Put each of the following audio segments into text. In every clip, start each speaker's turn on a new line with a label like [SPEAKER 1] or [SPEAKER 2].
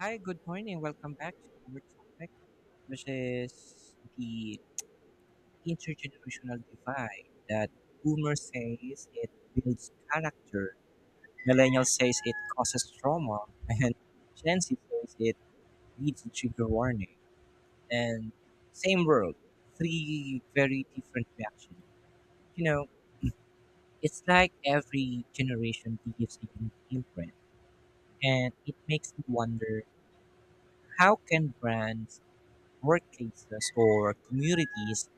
[SPEAKER 1] Hi, good morning. Welcome back to our topic, which is the intergenerational divide that boomer says it builds character, millennial says it causes trauma, and Gen Z says it needs to trigger warning. And same world, three very different reactions. You know, it's like every generation gives a unique imprint, and it makes me wonder how can brands workplaces or communities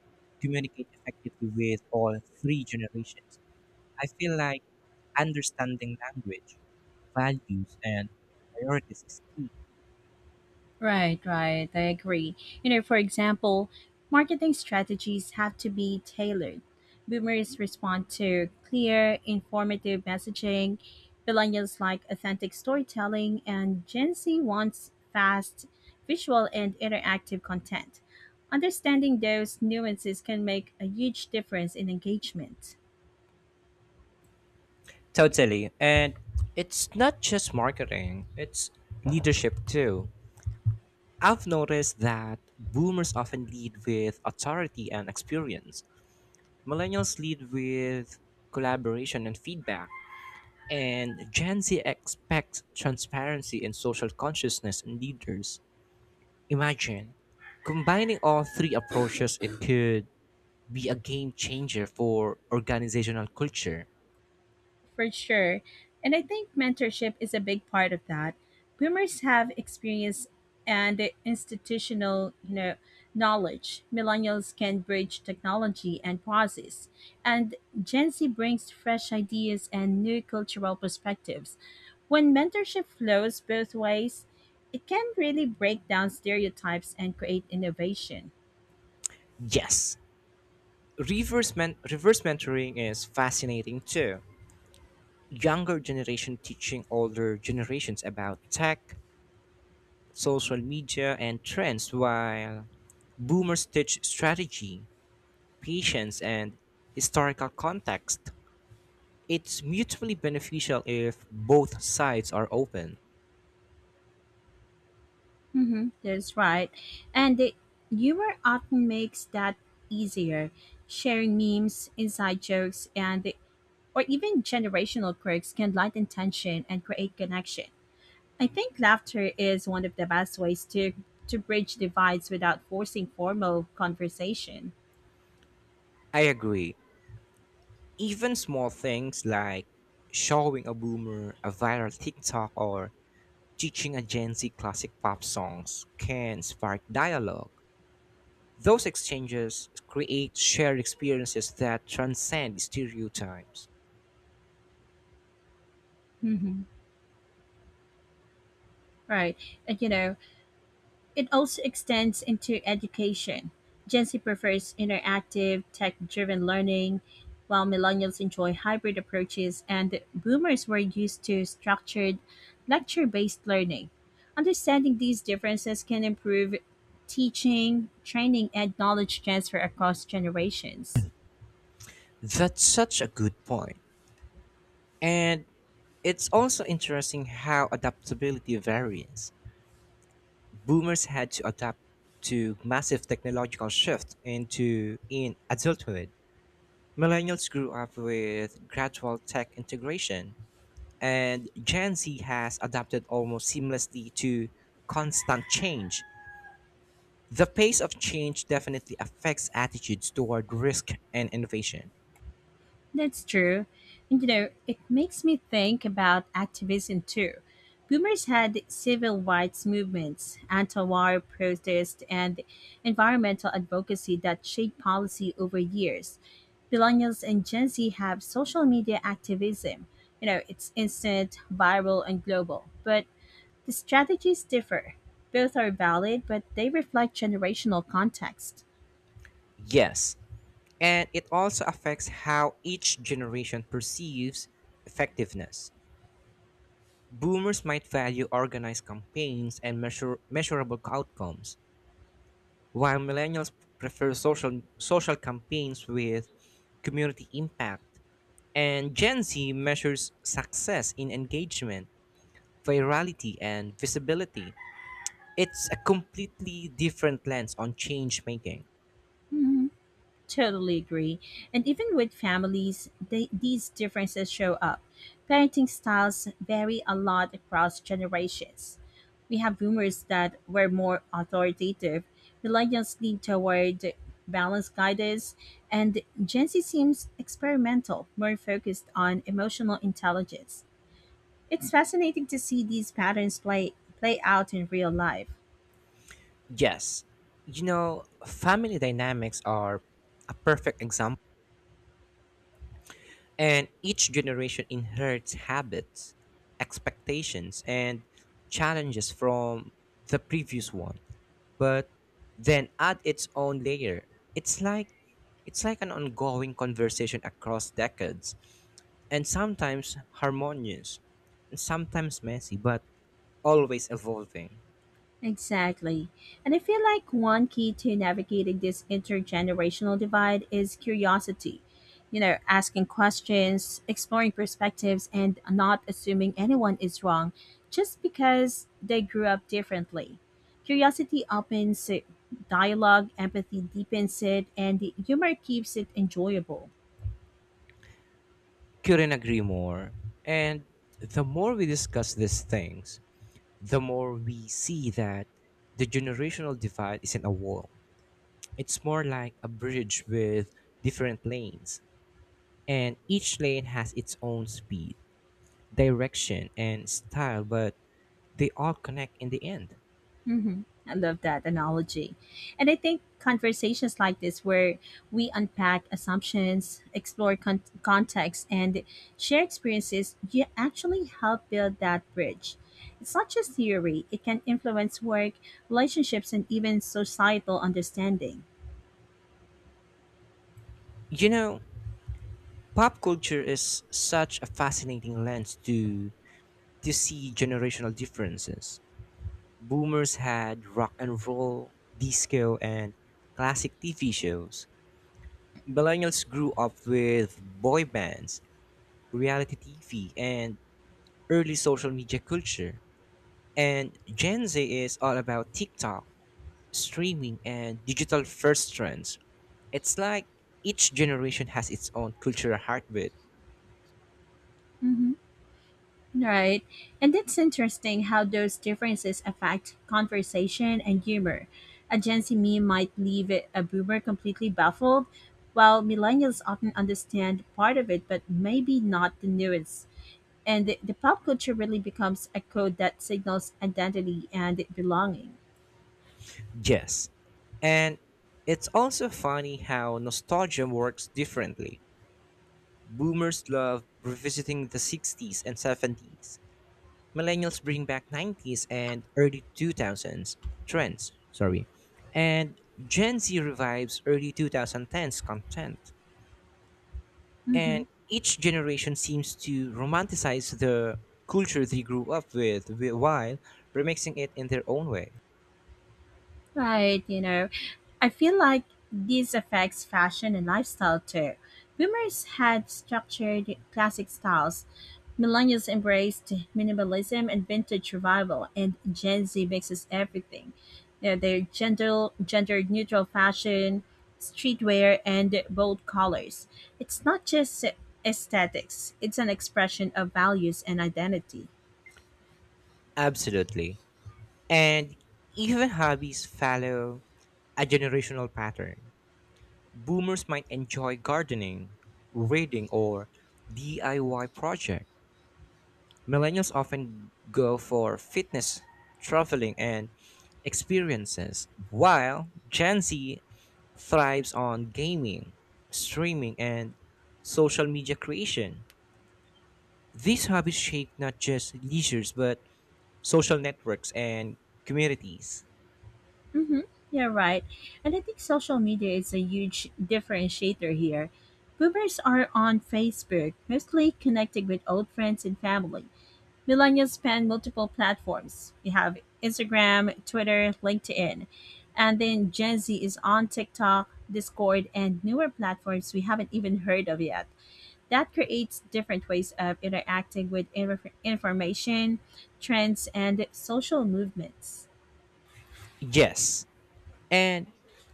[SPEAKER 1] communicate effectively with all three generations. I feel like understanding language, values, and priorities is key.
[SPEAKER 2] Right, right. I agree. You know, for example, marketing strategies have to be tailored. Boomers respond to clear, informative messaging. Millennials like authentic storytelling, and Gen Z wants fast, visual, and interactive content. Understanding those nuances can make a huge difference in engagement.
[SPEAKER 1] Totally. And it's not just marketing, it's leadership too. I've noticed that boomers often lead with authority and experience. Millennials lead with collaboration and feedback, and Gen Z expects transparency and social consciousness in leaders. Imagine combining all three approaches, it could be a game changer for organizational culture.
[SPEAKER 2] For sure. And I think mentorship is a big part of that. Boomers have experience and institutional, you know, knowledge. Millennials can bridge technology and process. And Gen Z brings fresh ideas and new cultural perspectives. When mentorship flows both ways, it can really break down stereotypes and create innovation.
[SPEAKER 1] Yes, reverse mentoring is fascinating too. Younger generation teaching older generations about tech, social media, and trends, while boomers teach strategy, patience, and historical context. It's mutually beneficial if both sides are open.
[SPEAKER 2] Mm-hmm, that's right. And the humor often makes that easier. Sharing memes, inside jokes, or even generational quirks can lighten tension and create connection. I think laughter is one of the best ways to bridge divides without forcing formal conversation.
[SPEAKER 1] I agree. Even small things like showing a boomer a viral TikTok or teaching a Gen Z classic pop songs can spark dialogue. Those exchanges create shared experiences that transcend stereotypes.
[SPEAKER 2] Mm-hmm. Right, and you know, it also extends into education. Gen Z prefers interactive, tech driven learning, while millennials enjoy hybrid approaches, and boomers were used to structured, lecture based learning. Understanding these differences can improve teaching, training, and knowledge transfer across generations.
[SPEAKER 1] That's such a good point. And it's also interesting how adaptability varies. Boomers had to adapt to massive technological shift into in adulthood. Millennials grew up with gradual tech integration, and Gen Z has adapted almost seamlessly to constant change. The pace of change definitely affects attitudes toward risk and innovation.
[SPEAKER 2] That's true. And you know, it makes me think about activism too. Boomers had civil rights movements, anti war protests, and environmental advocacy that shaped policy over years. Millennials and Gen Z have social media activism. You know, it's instant, viral, and global. But the strategies differ. Both are valid, but they reflect generational context.
[SPEAKER 1] Yes, and it also affects how each generation perceives effectiveness. Boomers might value organized campaigns and measurable outcomes, while millennials prefer social campaigns with community impact. And Gen Z measures success in engagement, virality, and visibility. It's a completely different lens on change making.
[SPEAKER 2] Hmm. Totally agree. And even with families, these differences show up. Parenting styles vary a lot across generations. We have boomers that were more authoritative, millennials lean toward balanced guidance, and Gen Z seems experimental, more focused on emotional intelligence. It's fascinating to see these patterns play out in real life.
[SPEAKER 1] Yes, family dynamics are a perfect example. And each generation inherits habits, expectations, and challenges from the previous one, but then add its own layer. It's like it's like an ongoing conversation across decades, and sometimes harmonious, and sometimes messy, but always evolving.
[SPEAKER 2] Exactly. And I feel like one key to navigating this intergenerational divide is curiosity. You know, asking questions, exploring perspectives, and not assuming anyone is wrong just because they grew up differently. Curiosity opens dialogue, empathy deepens it, and humor keeps it enjoyable.
[SPEAKER 1] Couldn't agree more. And the more we discuss these things, the more we see that the generational divide isn't a wall. It's more like a bridge with different lanes, and each lane has its own speed, direction, and style, but they all connect in the end.
[SPEAKER 2] Hmm, I love that analogy. And I think conversations like this, where we unpack assumptions, context, and share experiences, you actually help build that bridge. It's not just theory, it can influence work, relationships, and even societal understanding.
[SPEAKER 1] You know, pop culture is such a fascinating lens to see generational differences. Boomers had rock and roll, disco, and classic TV shows. Millennials grew up with boy bands, reality TV, and early social media culture. And Gen Z is all about TikTok, streaming, and digital first trends. It's like each generation has its own cultural heartbeat.
[SPEAKER 2] Mhm. Right. And it's interesting how those differences affect conversation and humor. A Gen Z meme might a boomer completely baffled, while millennials often understand part of it, but maybe not the nuance. The pop culture really becomes a code that signals identity and belonging.
[SPEAKER 1] Yes. And it's also funny how nostalgia works differently. Boomers love revisiting the 60s and 70s. Millennials bring back 90s and early 2000s trends, sorry. And Gen Z revives early 2010s content.
[SPEAKER 2] Hmm.
[SPEAKER 1] And each generation seems to romanticize the culture they grew up with while remixing it in their own way.
[SPEAKER 2] Right, you know, I feel like this affects fashion and lifestyle too. Boomers had structured classic styles. Millennials embraced minimalism and vintage revival, and Gen Z mixes everything. You know, their gender neutral fashion, streetwear, and bold colors. It's not just aesthetics; it's an expression of values and identity.
[SPEAKER 1] Absolutely. And even hobbies follow a generational pattern. Boomers might enjoy gardening, reading, or DIY projects. Millennials often go for fitness, traveling, and experiences, while Gen Z thrives on gaming, streaming, and social media creation. These hobbies shape not just leisures but social networks and communities.
[SPEAKER 2] Mm-hmm. Yeah, right. And I think social media is a huge differentiator here. Boomers are on Facebook, mostly connecting with old friends and family. Millennials span multiple platforms. We have Instagram, Twitter, LinkedIn. And then Gen Z is on TikTok, Discord, and newer platforms we haven't even heard of yet. That creates different ways of interacting with information, trends, and social movements.
[SPEAKER 1] Yes, and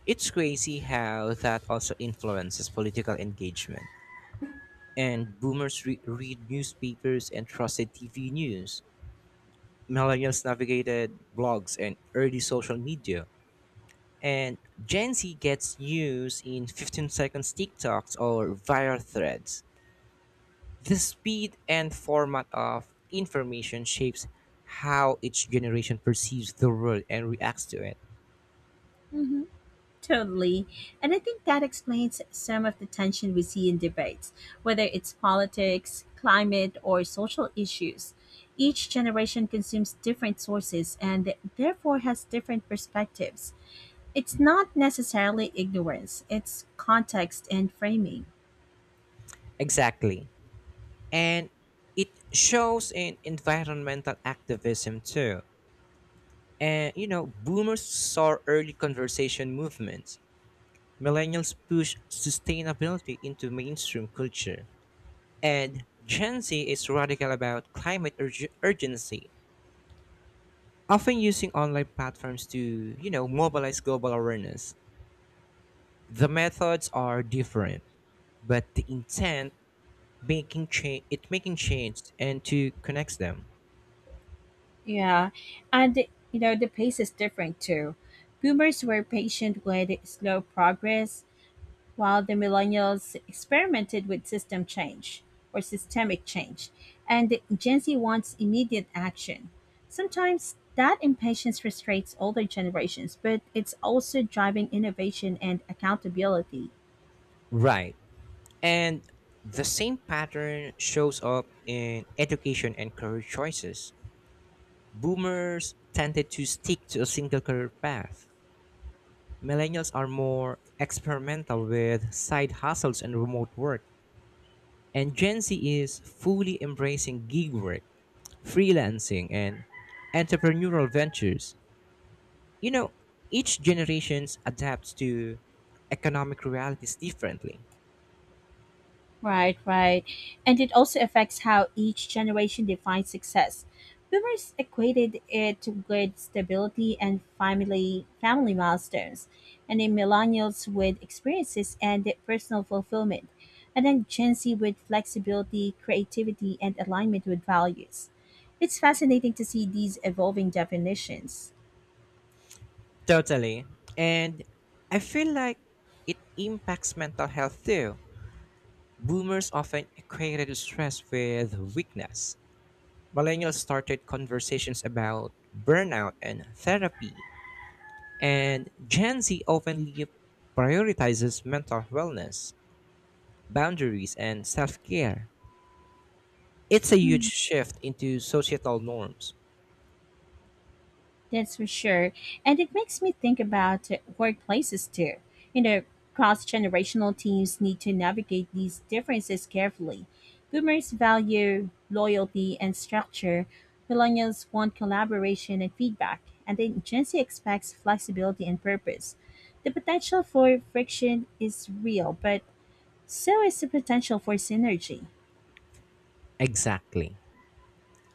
[SPEAKER 1] it's crazy how that also influences political engagement. And boomers read newspapers and trusted TV news, millennials navigated blogs and early social media. And Gen Z gets news in 15 seconds TikToks or viral threads. The speed and format of information shapes how each generation perceives the world and reacts to it.
[SPEAKER 2] Mm-hmm. Totally. And I think that explains some of the tension we see in debates, whether it's politics, climate, or social issues. Each generation consumes different sources and therefore has different perspectives. It's not necessarily ignorance, it's context and framing.
[SPEAKER 1] Exactly. And it shows in environmental activism too. And you know, boomers saw early conversation movements. Millennials push sustainability into mainstream culture, and Gen Z is radical about climate urgency, often using online platforms to mobilize global awareness. The methods are different, but the intent making change it making change and to connect them.
[SPEAKER 2] Yeah. And, you know, the pace is different too. Boomers were patient with slow progress, while the millennials experimented with system change or systemic change, and the Gen Z wants immediate action. Sometimes that impatience frustrates older generations, but it's also driving innovation and accountability.
[SPEAKER 1] Right. And the same pattern shows up in education and career choices. Boomers tended to stick to a single career path. Millennials are more experimental with side hustles and remote work, and Gen Z is fully embracing gig work, freelancing, and entrepreneurial ventures. You know, each generation adapts to economic realities differently.
[SPEAKER 2] Right, right. And it also affects how each generation defines success. Boomers equated it with stability and family milestones, and then millennials with experiences and personal fulfillment, and then Gen Z with flexibility, creativity, and alignment with values. It's fascinating to see these evolving definitions.
[SPEAKER 1] Totally. And I feel like it impacts mental health too. Boomers often equated stress with weakness. Millennials started conversations about burnout and therapy, and Gen Z openly prioritizes mental wellness, boundaries, and self care. It's a huge shift into societal norms.
[SPEAKER 2] That's for sure. And it makes me think about workplaces too. You know, cross generational teams need to navigate these differences carefully. Boomers value loyalty and structure, millennials want collaboration and feedback, and then Gen Z expects flexibility and purpose. The potential for friction is real, but so is the potential for synergy.
[SPEAKER 1] Exactly.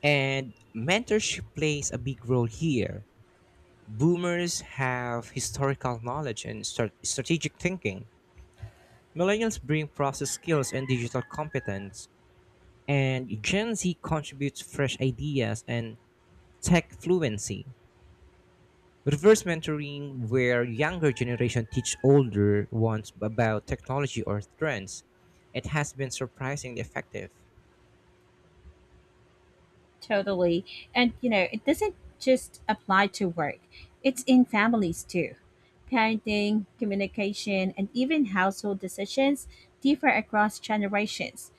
[SPEAKER 1] And mentorship plays a big role here. Boomers have historical knowledge and strategic thinking. Millennials bring process skills and digital competence. And Gen Z contributes fresh ideas and tech fluency. Reverse mentoring, where younger generation teach older ones about technology or trends, it has been surprisingly effective.
[SPEAKER 2] Totally. And you know, it doesn't just apply to work. It's in families too. Parenting, communication, and even household decisions differ across generations.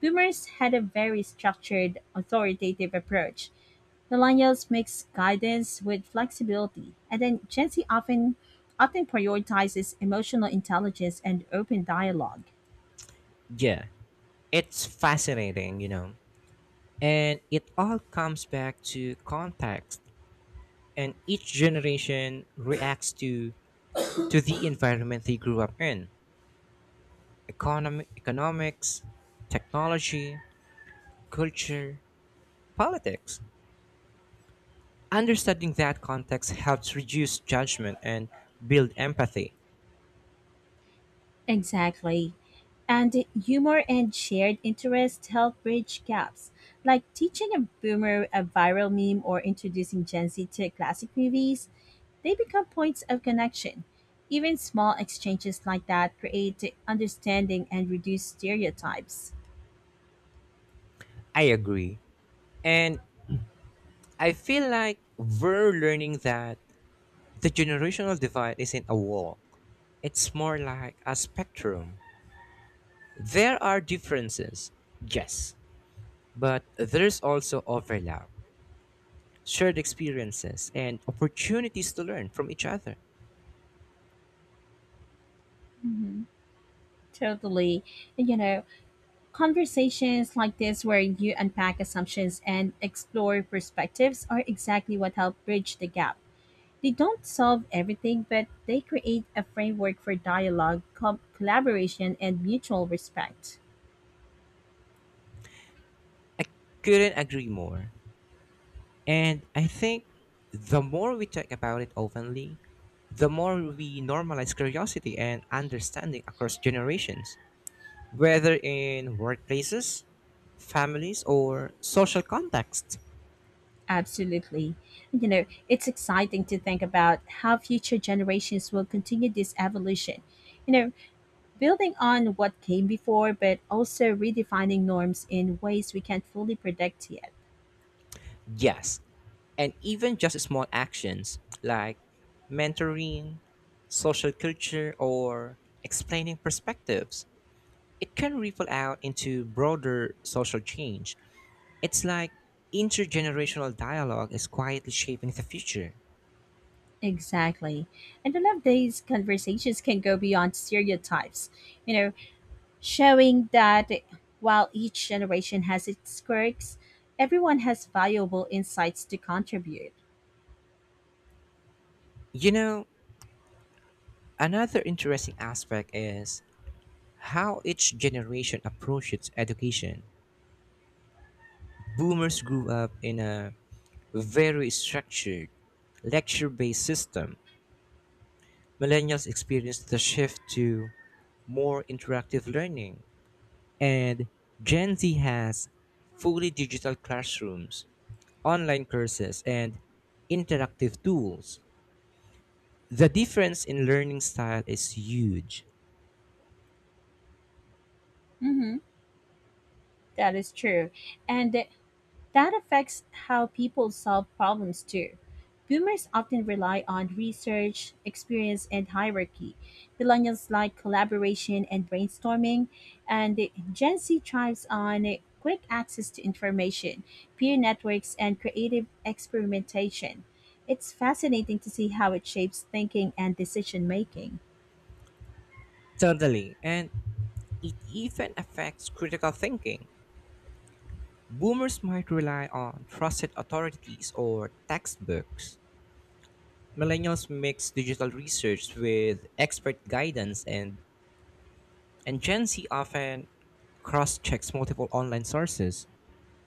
[SPEAKER 2] Boomers had a very structured, authoritative approach. Millennials mix guidance with flexibility, and then Gen Z often prioritizes emotional intelligence and open dialogue.
[SPEAKER 1] Yeah, it's fascinating, you know. And it all comes back to context, and each generation reacts to the environment they grew up in: economy economics, technology, culture, politics. Understanding that context helps reduce judgment and build empathy.
[SPEAKER 2] Exactly. And humor and shared interest help bridge gaps, like teaching a boomer a viral meme or introducing Gen Z to classic movies. They become points of connection. Even small exchanges like that create understanding and reduce stereotypes.
[SPEAKER 1] I agree. And I feel like we're learning that the generational divide isn't a wall, it's more like a spectrum. There are differences, yes, but there's also overlap, shared experiences, and opportunities to learn from each other.
[SPEAKER 2] Hmm. Totally. And, you know, conversations like this, where you unpack assumptions and explore perspectives, are exactly what help bridge the gap. They don't solve everything, but they create a framework for dialogue, collaboration, and mutual respect.
[SPEAKER 1] I couldn't agree more. And I think the more we talk about it openly, the more we normalize curiosity and understanding across generations, whether in workplaces, families, or social context.
[SPEAKER 2] Absolutely. You know, it's exciting to think about how future generations will continue this evolution. You know, building on what came before, but also redefining norms in ways we can't fully predict yet.
[SPEAKER 1] Yes, and even just small actions like mentoring, social culture, or explaining perspectives. It can ripple out into broader social change. It's like intergenerational dialogue is quietly shaping the future.
[SPEAKER 2] Exactly. And I love these conversations can go beyond stereotypes. You know, showing that while each generation has its quirks, everyone has valuable insights to contribute.
[SPEAKER 1] You know, another interesting aspect is how each generation approaches education. Boomers grew up in a very structured, lecture-based system, millennials experienced the shift to more interactive learning, and Gen Z has fully digital classrooms, online courses, and interactive tools. The difference in learning style is huge.
[SPEAKER 2] Mm-hmm, that is true. And that affects how people solve problems too. Boomers often rely on research, experience, and hierarchy. Millennials like collaboration and brainstorming, and Gen Z thrives on quick access to information, peer networks, and creative experimentation. It's fascinating to see how it shapes thinking and decision making.
[SPEAKER 1] Totally. And it even affects critical thinking. Boomers might rely on trusted authorities or textbooks, Millennials mix digital research with expert guidance, and Gen Z often cross checks multiple online sources,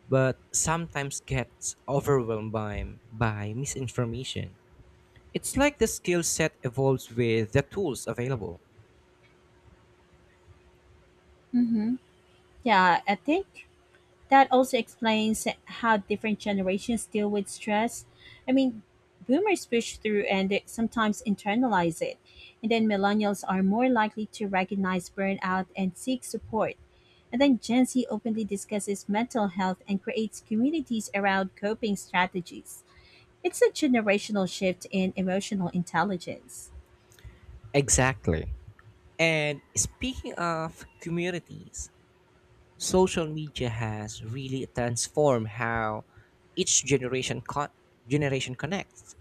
[SPEAKER 1] but sometimes gets overwhelmed by misinformation. It's like the skill set evolves with the tools available.
[SPEAKER 2] Hmm. Yeah, I think that also explains how different generations deal with stress. I mean, boomers push through and they sometimes internalize it, and then millennials are more likely to recognize burnout and seek support. And then Gen Z openly discusses mental health and creates communities around coping strategies. It's a generational shift in emotional intelligence.
[SPEAKER 1] Exactly. And speaking of communities, social media has really transformed how each generation connects.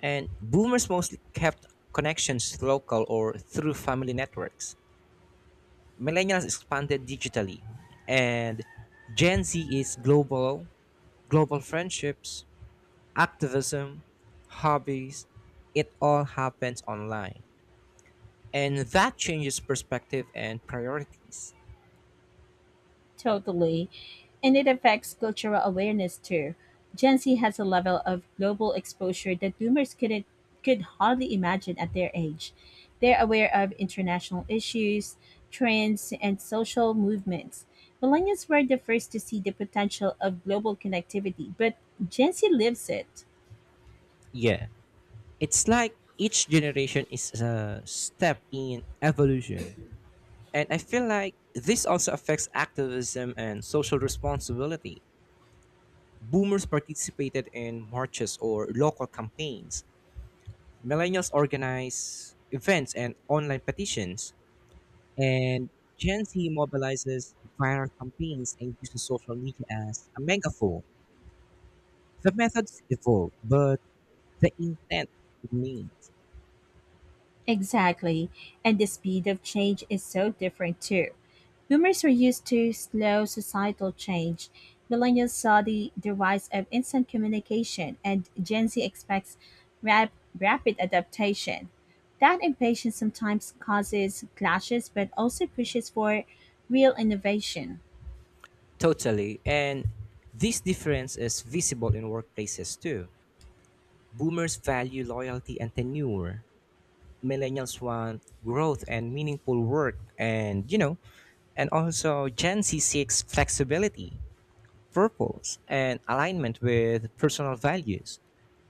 [SPEAKER 1] And boomers mostly kept connections to local or through family networks. Millennials expanded digitally, and Gen Z is global, global friendships, activism, hobbies. It all happens online, and that changes perspective and priorities.
[SPEAKER 2] Totally. And it affects cultural awareness too. Gen Z has a level of global exposure that boomers couldn't could hardly imagine at their age. They're aware of international issues, trends, and social movements. Millennials were the first to see the potential of global connectivity, but Gen Z lives it.
[SPEAKER 1] Yeah, it's like each generation is a step in evolution, and I feel like this also affects activism and social responsibility. Boomers participated in marches or local campaigns. Millennials organized events and online petitions. And Gen Z mobilizes viral campaigns and uses social media as a megaphone. The methods evolve, but the intent remains.
[SPEAKER 2] Exactly. And the speed of change is so different too. Boomers were used to slow societal change. Millennials saw the rise of instant communication, and Gen Z expects rap, rapid adaptation. That impatience sometimes causes clashes but also pushes for real innovation.
[SPEAKER 1] Totally. And this difference is visible in workplaces too. Boomers value loyalty and tenure, millennials want growth and meaningful work and you know and also Gen Z seeks flexibility purpose and alignment with personal values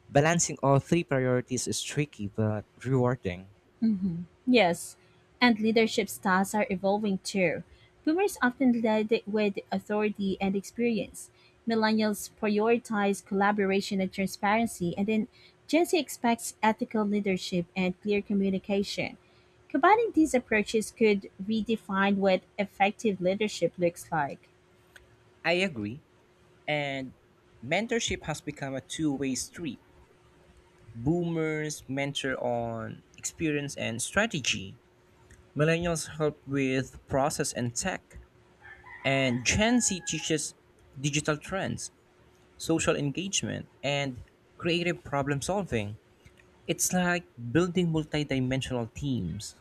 [SPEAKER 1] balancing all three priorities is tricky but rewarding.
[SPEAKER 2] Mhm. Yes, and leadership styles are evolving too. Boomers often led with authority and experience. Millennials prioritize collaboration and transparency, and then Gen Z expects ethical leadership and clear communication. Combining these approaches could redefine what effective leadership looks like.
[SPEAKER 1] I agree and mentorship has become a two-way street boomers mentor on experience and strategy millennials help with process and tech and Gen Z teaches digital trends social engagement, and creative problem solving. It's like building multidimensional teams.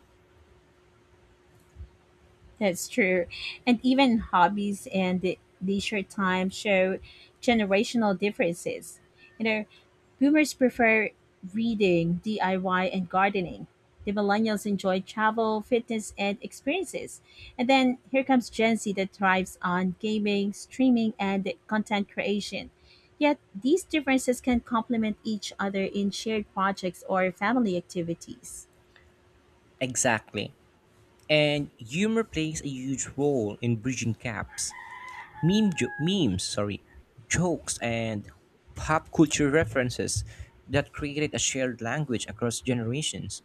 [SPEAKER 2] That's true. And even hobbies and the leisure time show generational differences. You know, boomers prefer reading, DIY, and gardening. The millennials enjoy travel, fitness, and experiences. And then here comes Gen Z that thrives on gaming, streaming, and content creation. Yet these differences can complement each other in shared projects or family activities.
[SPEAKER 1] Exactly. And humor plays a huge role in bridging gaps. Memes, jokes and pop culture references that created a shared language across generations.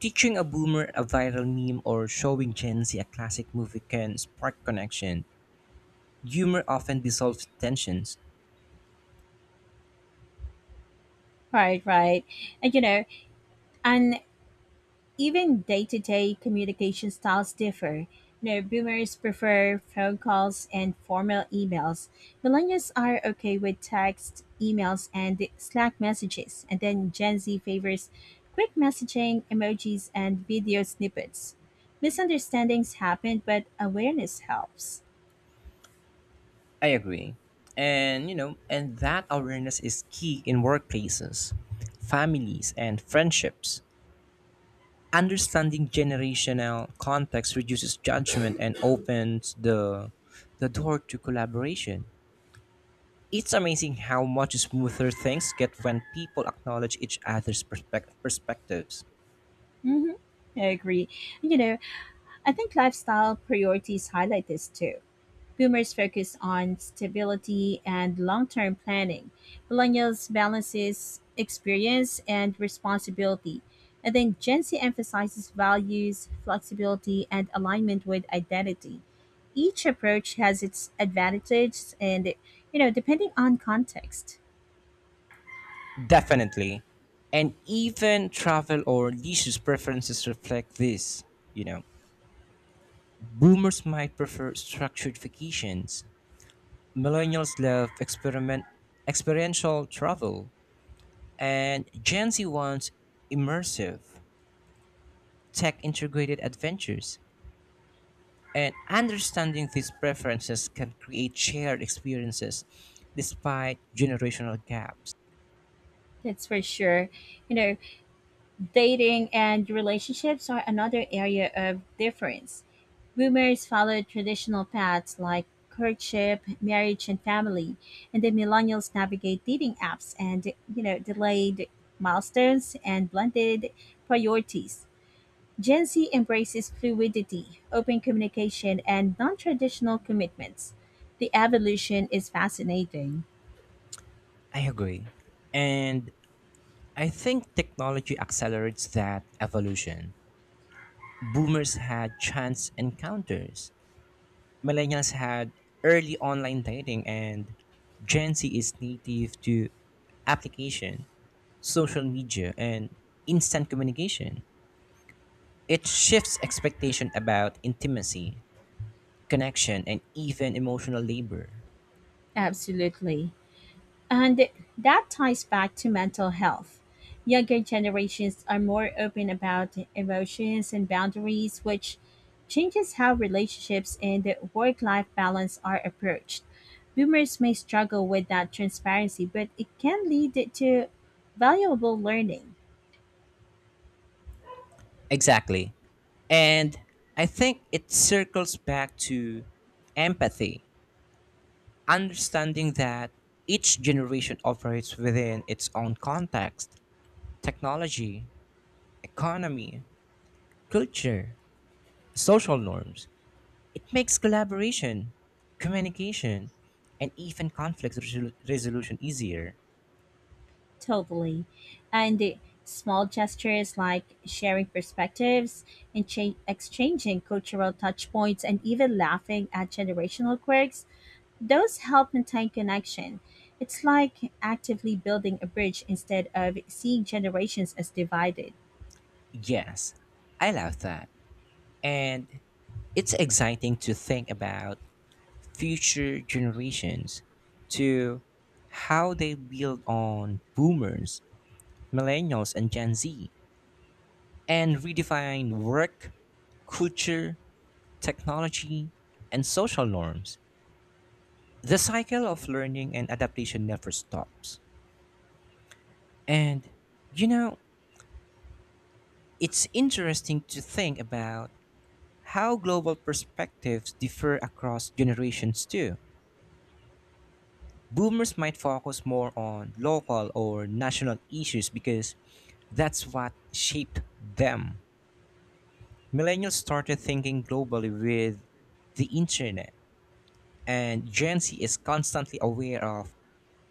[SPEAKER 1] Teaching a boomer a viral meme or showing Gen Z a classic movie can spark connection. Humor often dissolves tensions.
[SPEAKER 2] Right, right. And you know, an even day-to-day communication styles differ. You know, boomers prefer phone calls and formal emails. Millennials are okay with text, emails, and Slack messages. And then Gen Z favors quick messaging, emojis, and video snippets. Misunderstandings happen, but awareness helps.
[SPEAKER 1] I agree. And that awareness is key in workplaces, families, and friendships. Understanding generational context reduces judgment and opens the door to collaboration. It's amazing how much smoother things get when people acknowledge each other's perspectives.
[SPEAKER 2] Hmm. I agree. You know, I think lifestyle priorities highlight this too. Boomers focus on stability and long-term planning. Millennials balances experience and responsibility. And then Gen Z emphasizes values, flexibility, and alignment with identity. Each approach has its advantages and you know, depending on context.
[SPEAKER 1] Definitely. And even travel or leisure preferences reflect this, you know. Boomers might prefer structured vacations. Millennials love experiential travel, and Gen Z wants immersive, tech integrated adventures. And understanding these preferences can create shared experiences despite generational gaps.
[SPEAKER 2] That's for sure. You know, dating and relationships are another area of difference. Boomers followed traditional paths like courtship, marriage, and family, and the millennials navigate dating apps and you know delayed milestones and blended priorities. Gen Z embraces fluidity, open communication, and non-traditional commitments. The evolution is fascinating.
[SPEAKER 1] I agree. And I think technology accelerates that evolution. Boomers had chance encounters, millennials had early online dating and Gen Z is native to application, social media, and instant communication. It shifts expectation about intimacy, connection, and even emotional labor.
[SPEAKER 2] Absolutely. And that ties back to mental health. Younger generations are more open about emotions and boundaries, which changes how relationships and work life balance are approached. Boomers may struggle with that transparency, but it can lead to valuable learning.
[SPEAKER 1] Exactly. And I think it circles back to empathy, understanding that each generation operates within its own context, technology, economy, culture, social norms. It makes collaboration, communication, and even conflict resolution easier.
[SPEAKER 2] Totally. And the small gestures like sharing perspectives and exchanging cultural touch points and even laughing at generational quirks, those help maintain connection. It's like actively building a bridge instead of seeing generations as divided.
[SPEAKER 1] Yes, I love that. And it's exciting to think about future generations to how they build on boomers, millennials, and Gen Z and redefine work, culture, technology, and social norms. The cycle of learning and adaptation never stops. And, you know, it's interesting to think about how global perspectives differ across generations, too. Boomers might focus more on local or national issues because that's what shaped them. Millennials started thinking globally with the internet, and Gen Z is constantly aware of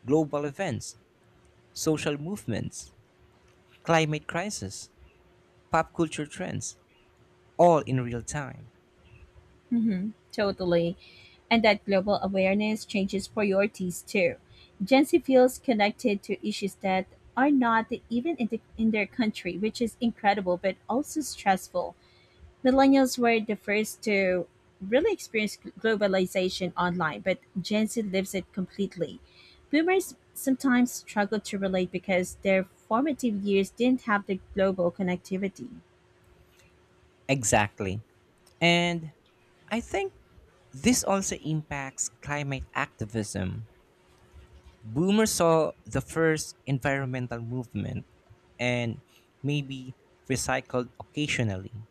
[SPEAKER 1] global events, social movements, climate crisis, pop culture trends, all in real time.
[SPEAKER 2] Hmm. Totally. And that global awareness changes priorities too. Gen Z feels connected to issues that are not even in their country, which is incredible but also stressful. Millennials were the first to really experience globalization online, but Gen Z lives it completely. Boomers sometimes struggle to relate because their formative years didn't have the global connectivity.
[SPEAKER 1] Exactly. And I think this also impacts climate activism. Boomers saw the first environmental movement and maybe recycled occasionally.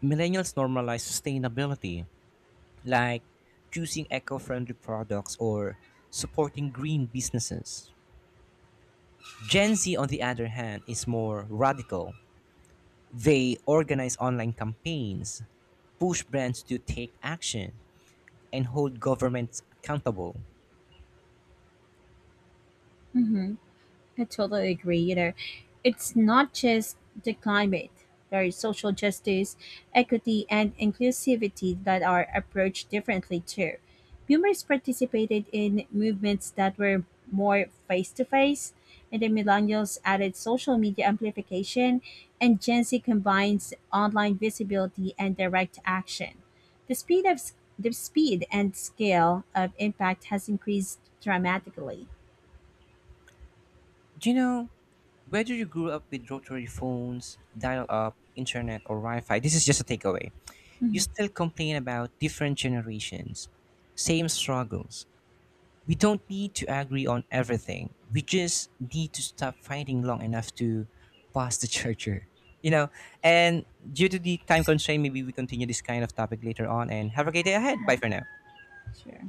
[SPEAKER 1] Millennials normalize sustainability, like choosing eco friendly products or supporting green businesses. Gen Z, on the other hand, is more radical. They organize online campaigns, push brands to take action, and hold governments accountable.
[SPEAKER 2] Hmm. I totally agree. You know, it's not just the climate. There is social justice, equity, and inclusivity that are approached differently too. Boomers participated in movements that were more face to face, and the millennials added social media amplification, and Gen Z combines online visibility and direct action. The speed and scale of impact has increased dramatically.
[SPEAKER 1] Do you know whether you grew up with rotary phones, dial up, internet, or Wi Fi? This is just a takeaway. You
[SPEAKER 2] Mhm.
[SPEAKER 1] still complain about different generations, same struggles. We don't need to agree on everything. We just need to stop fighting long enough to pass the charger. You know, and due to the time constraint, maybe we continue this kind of topic later on. And have a great day ahead. Bye
[SPEAKER 2] Right.
[SPEAKER 1] for now.
[SPEAKER 2] Sure.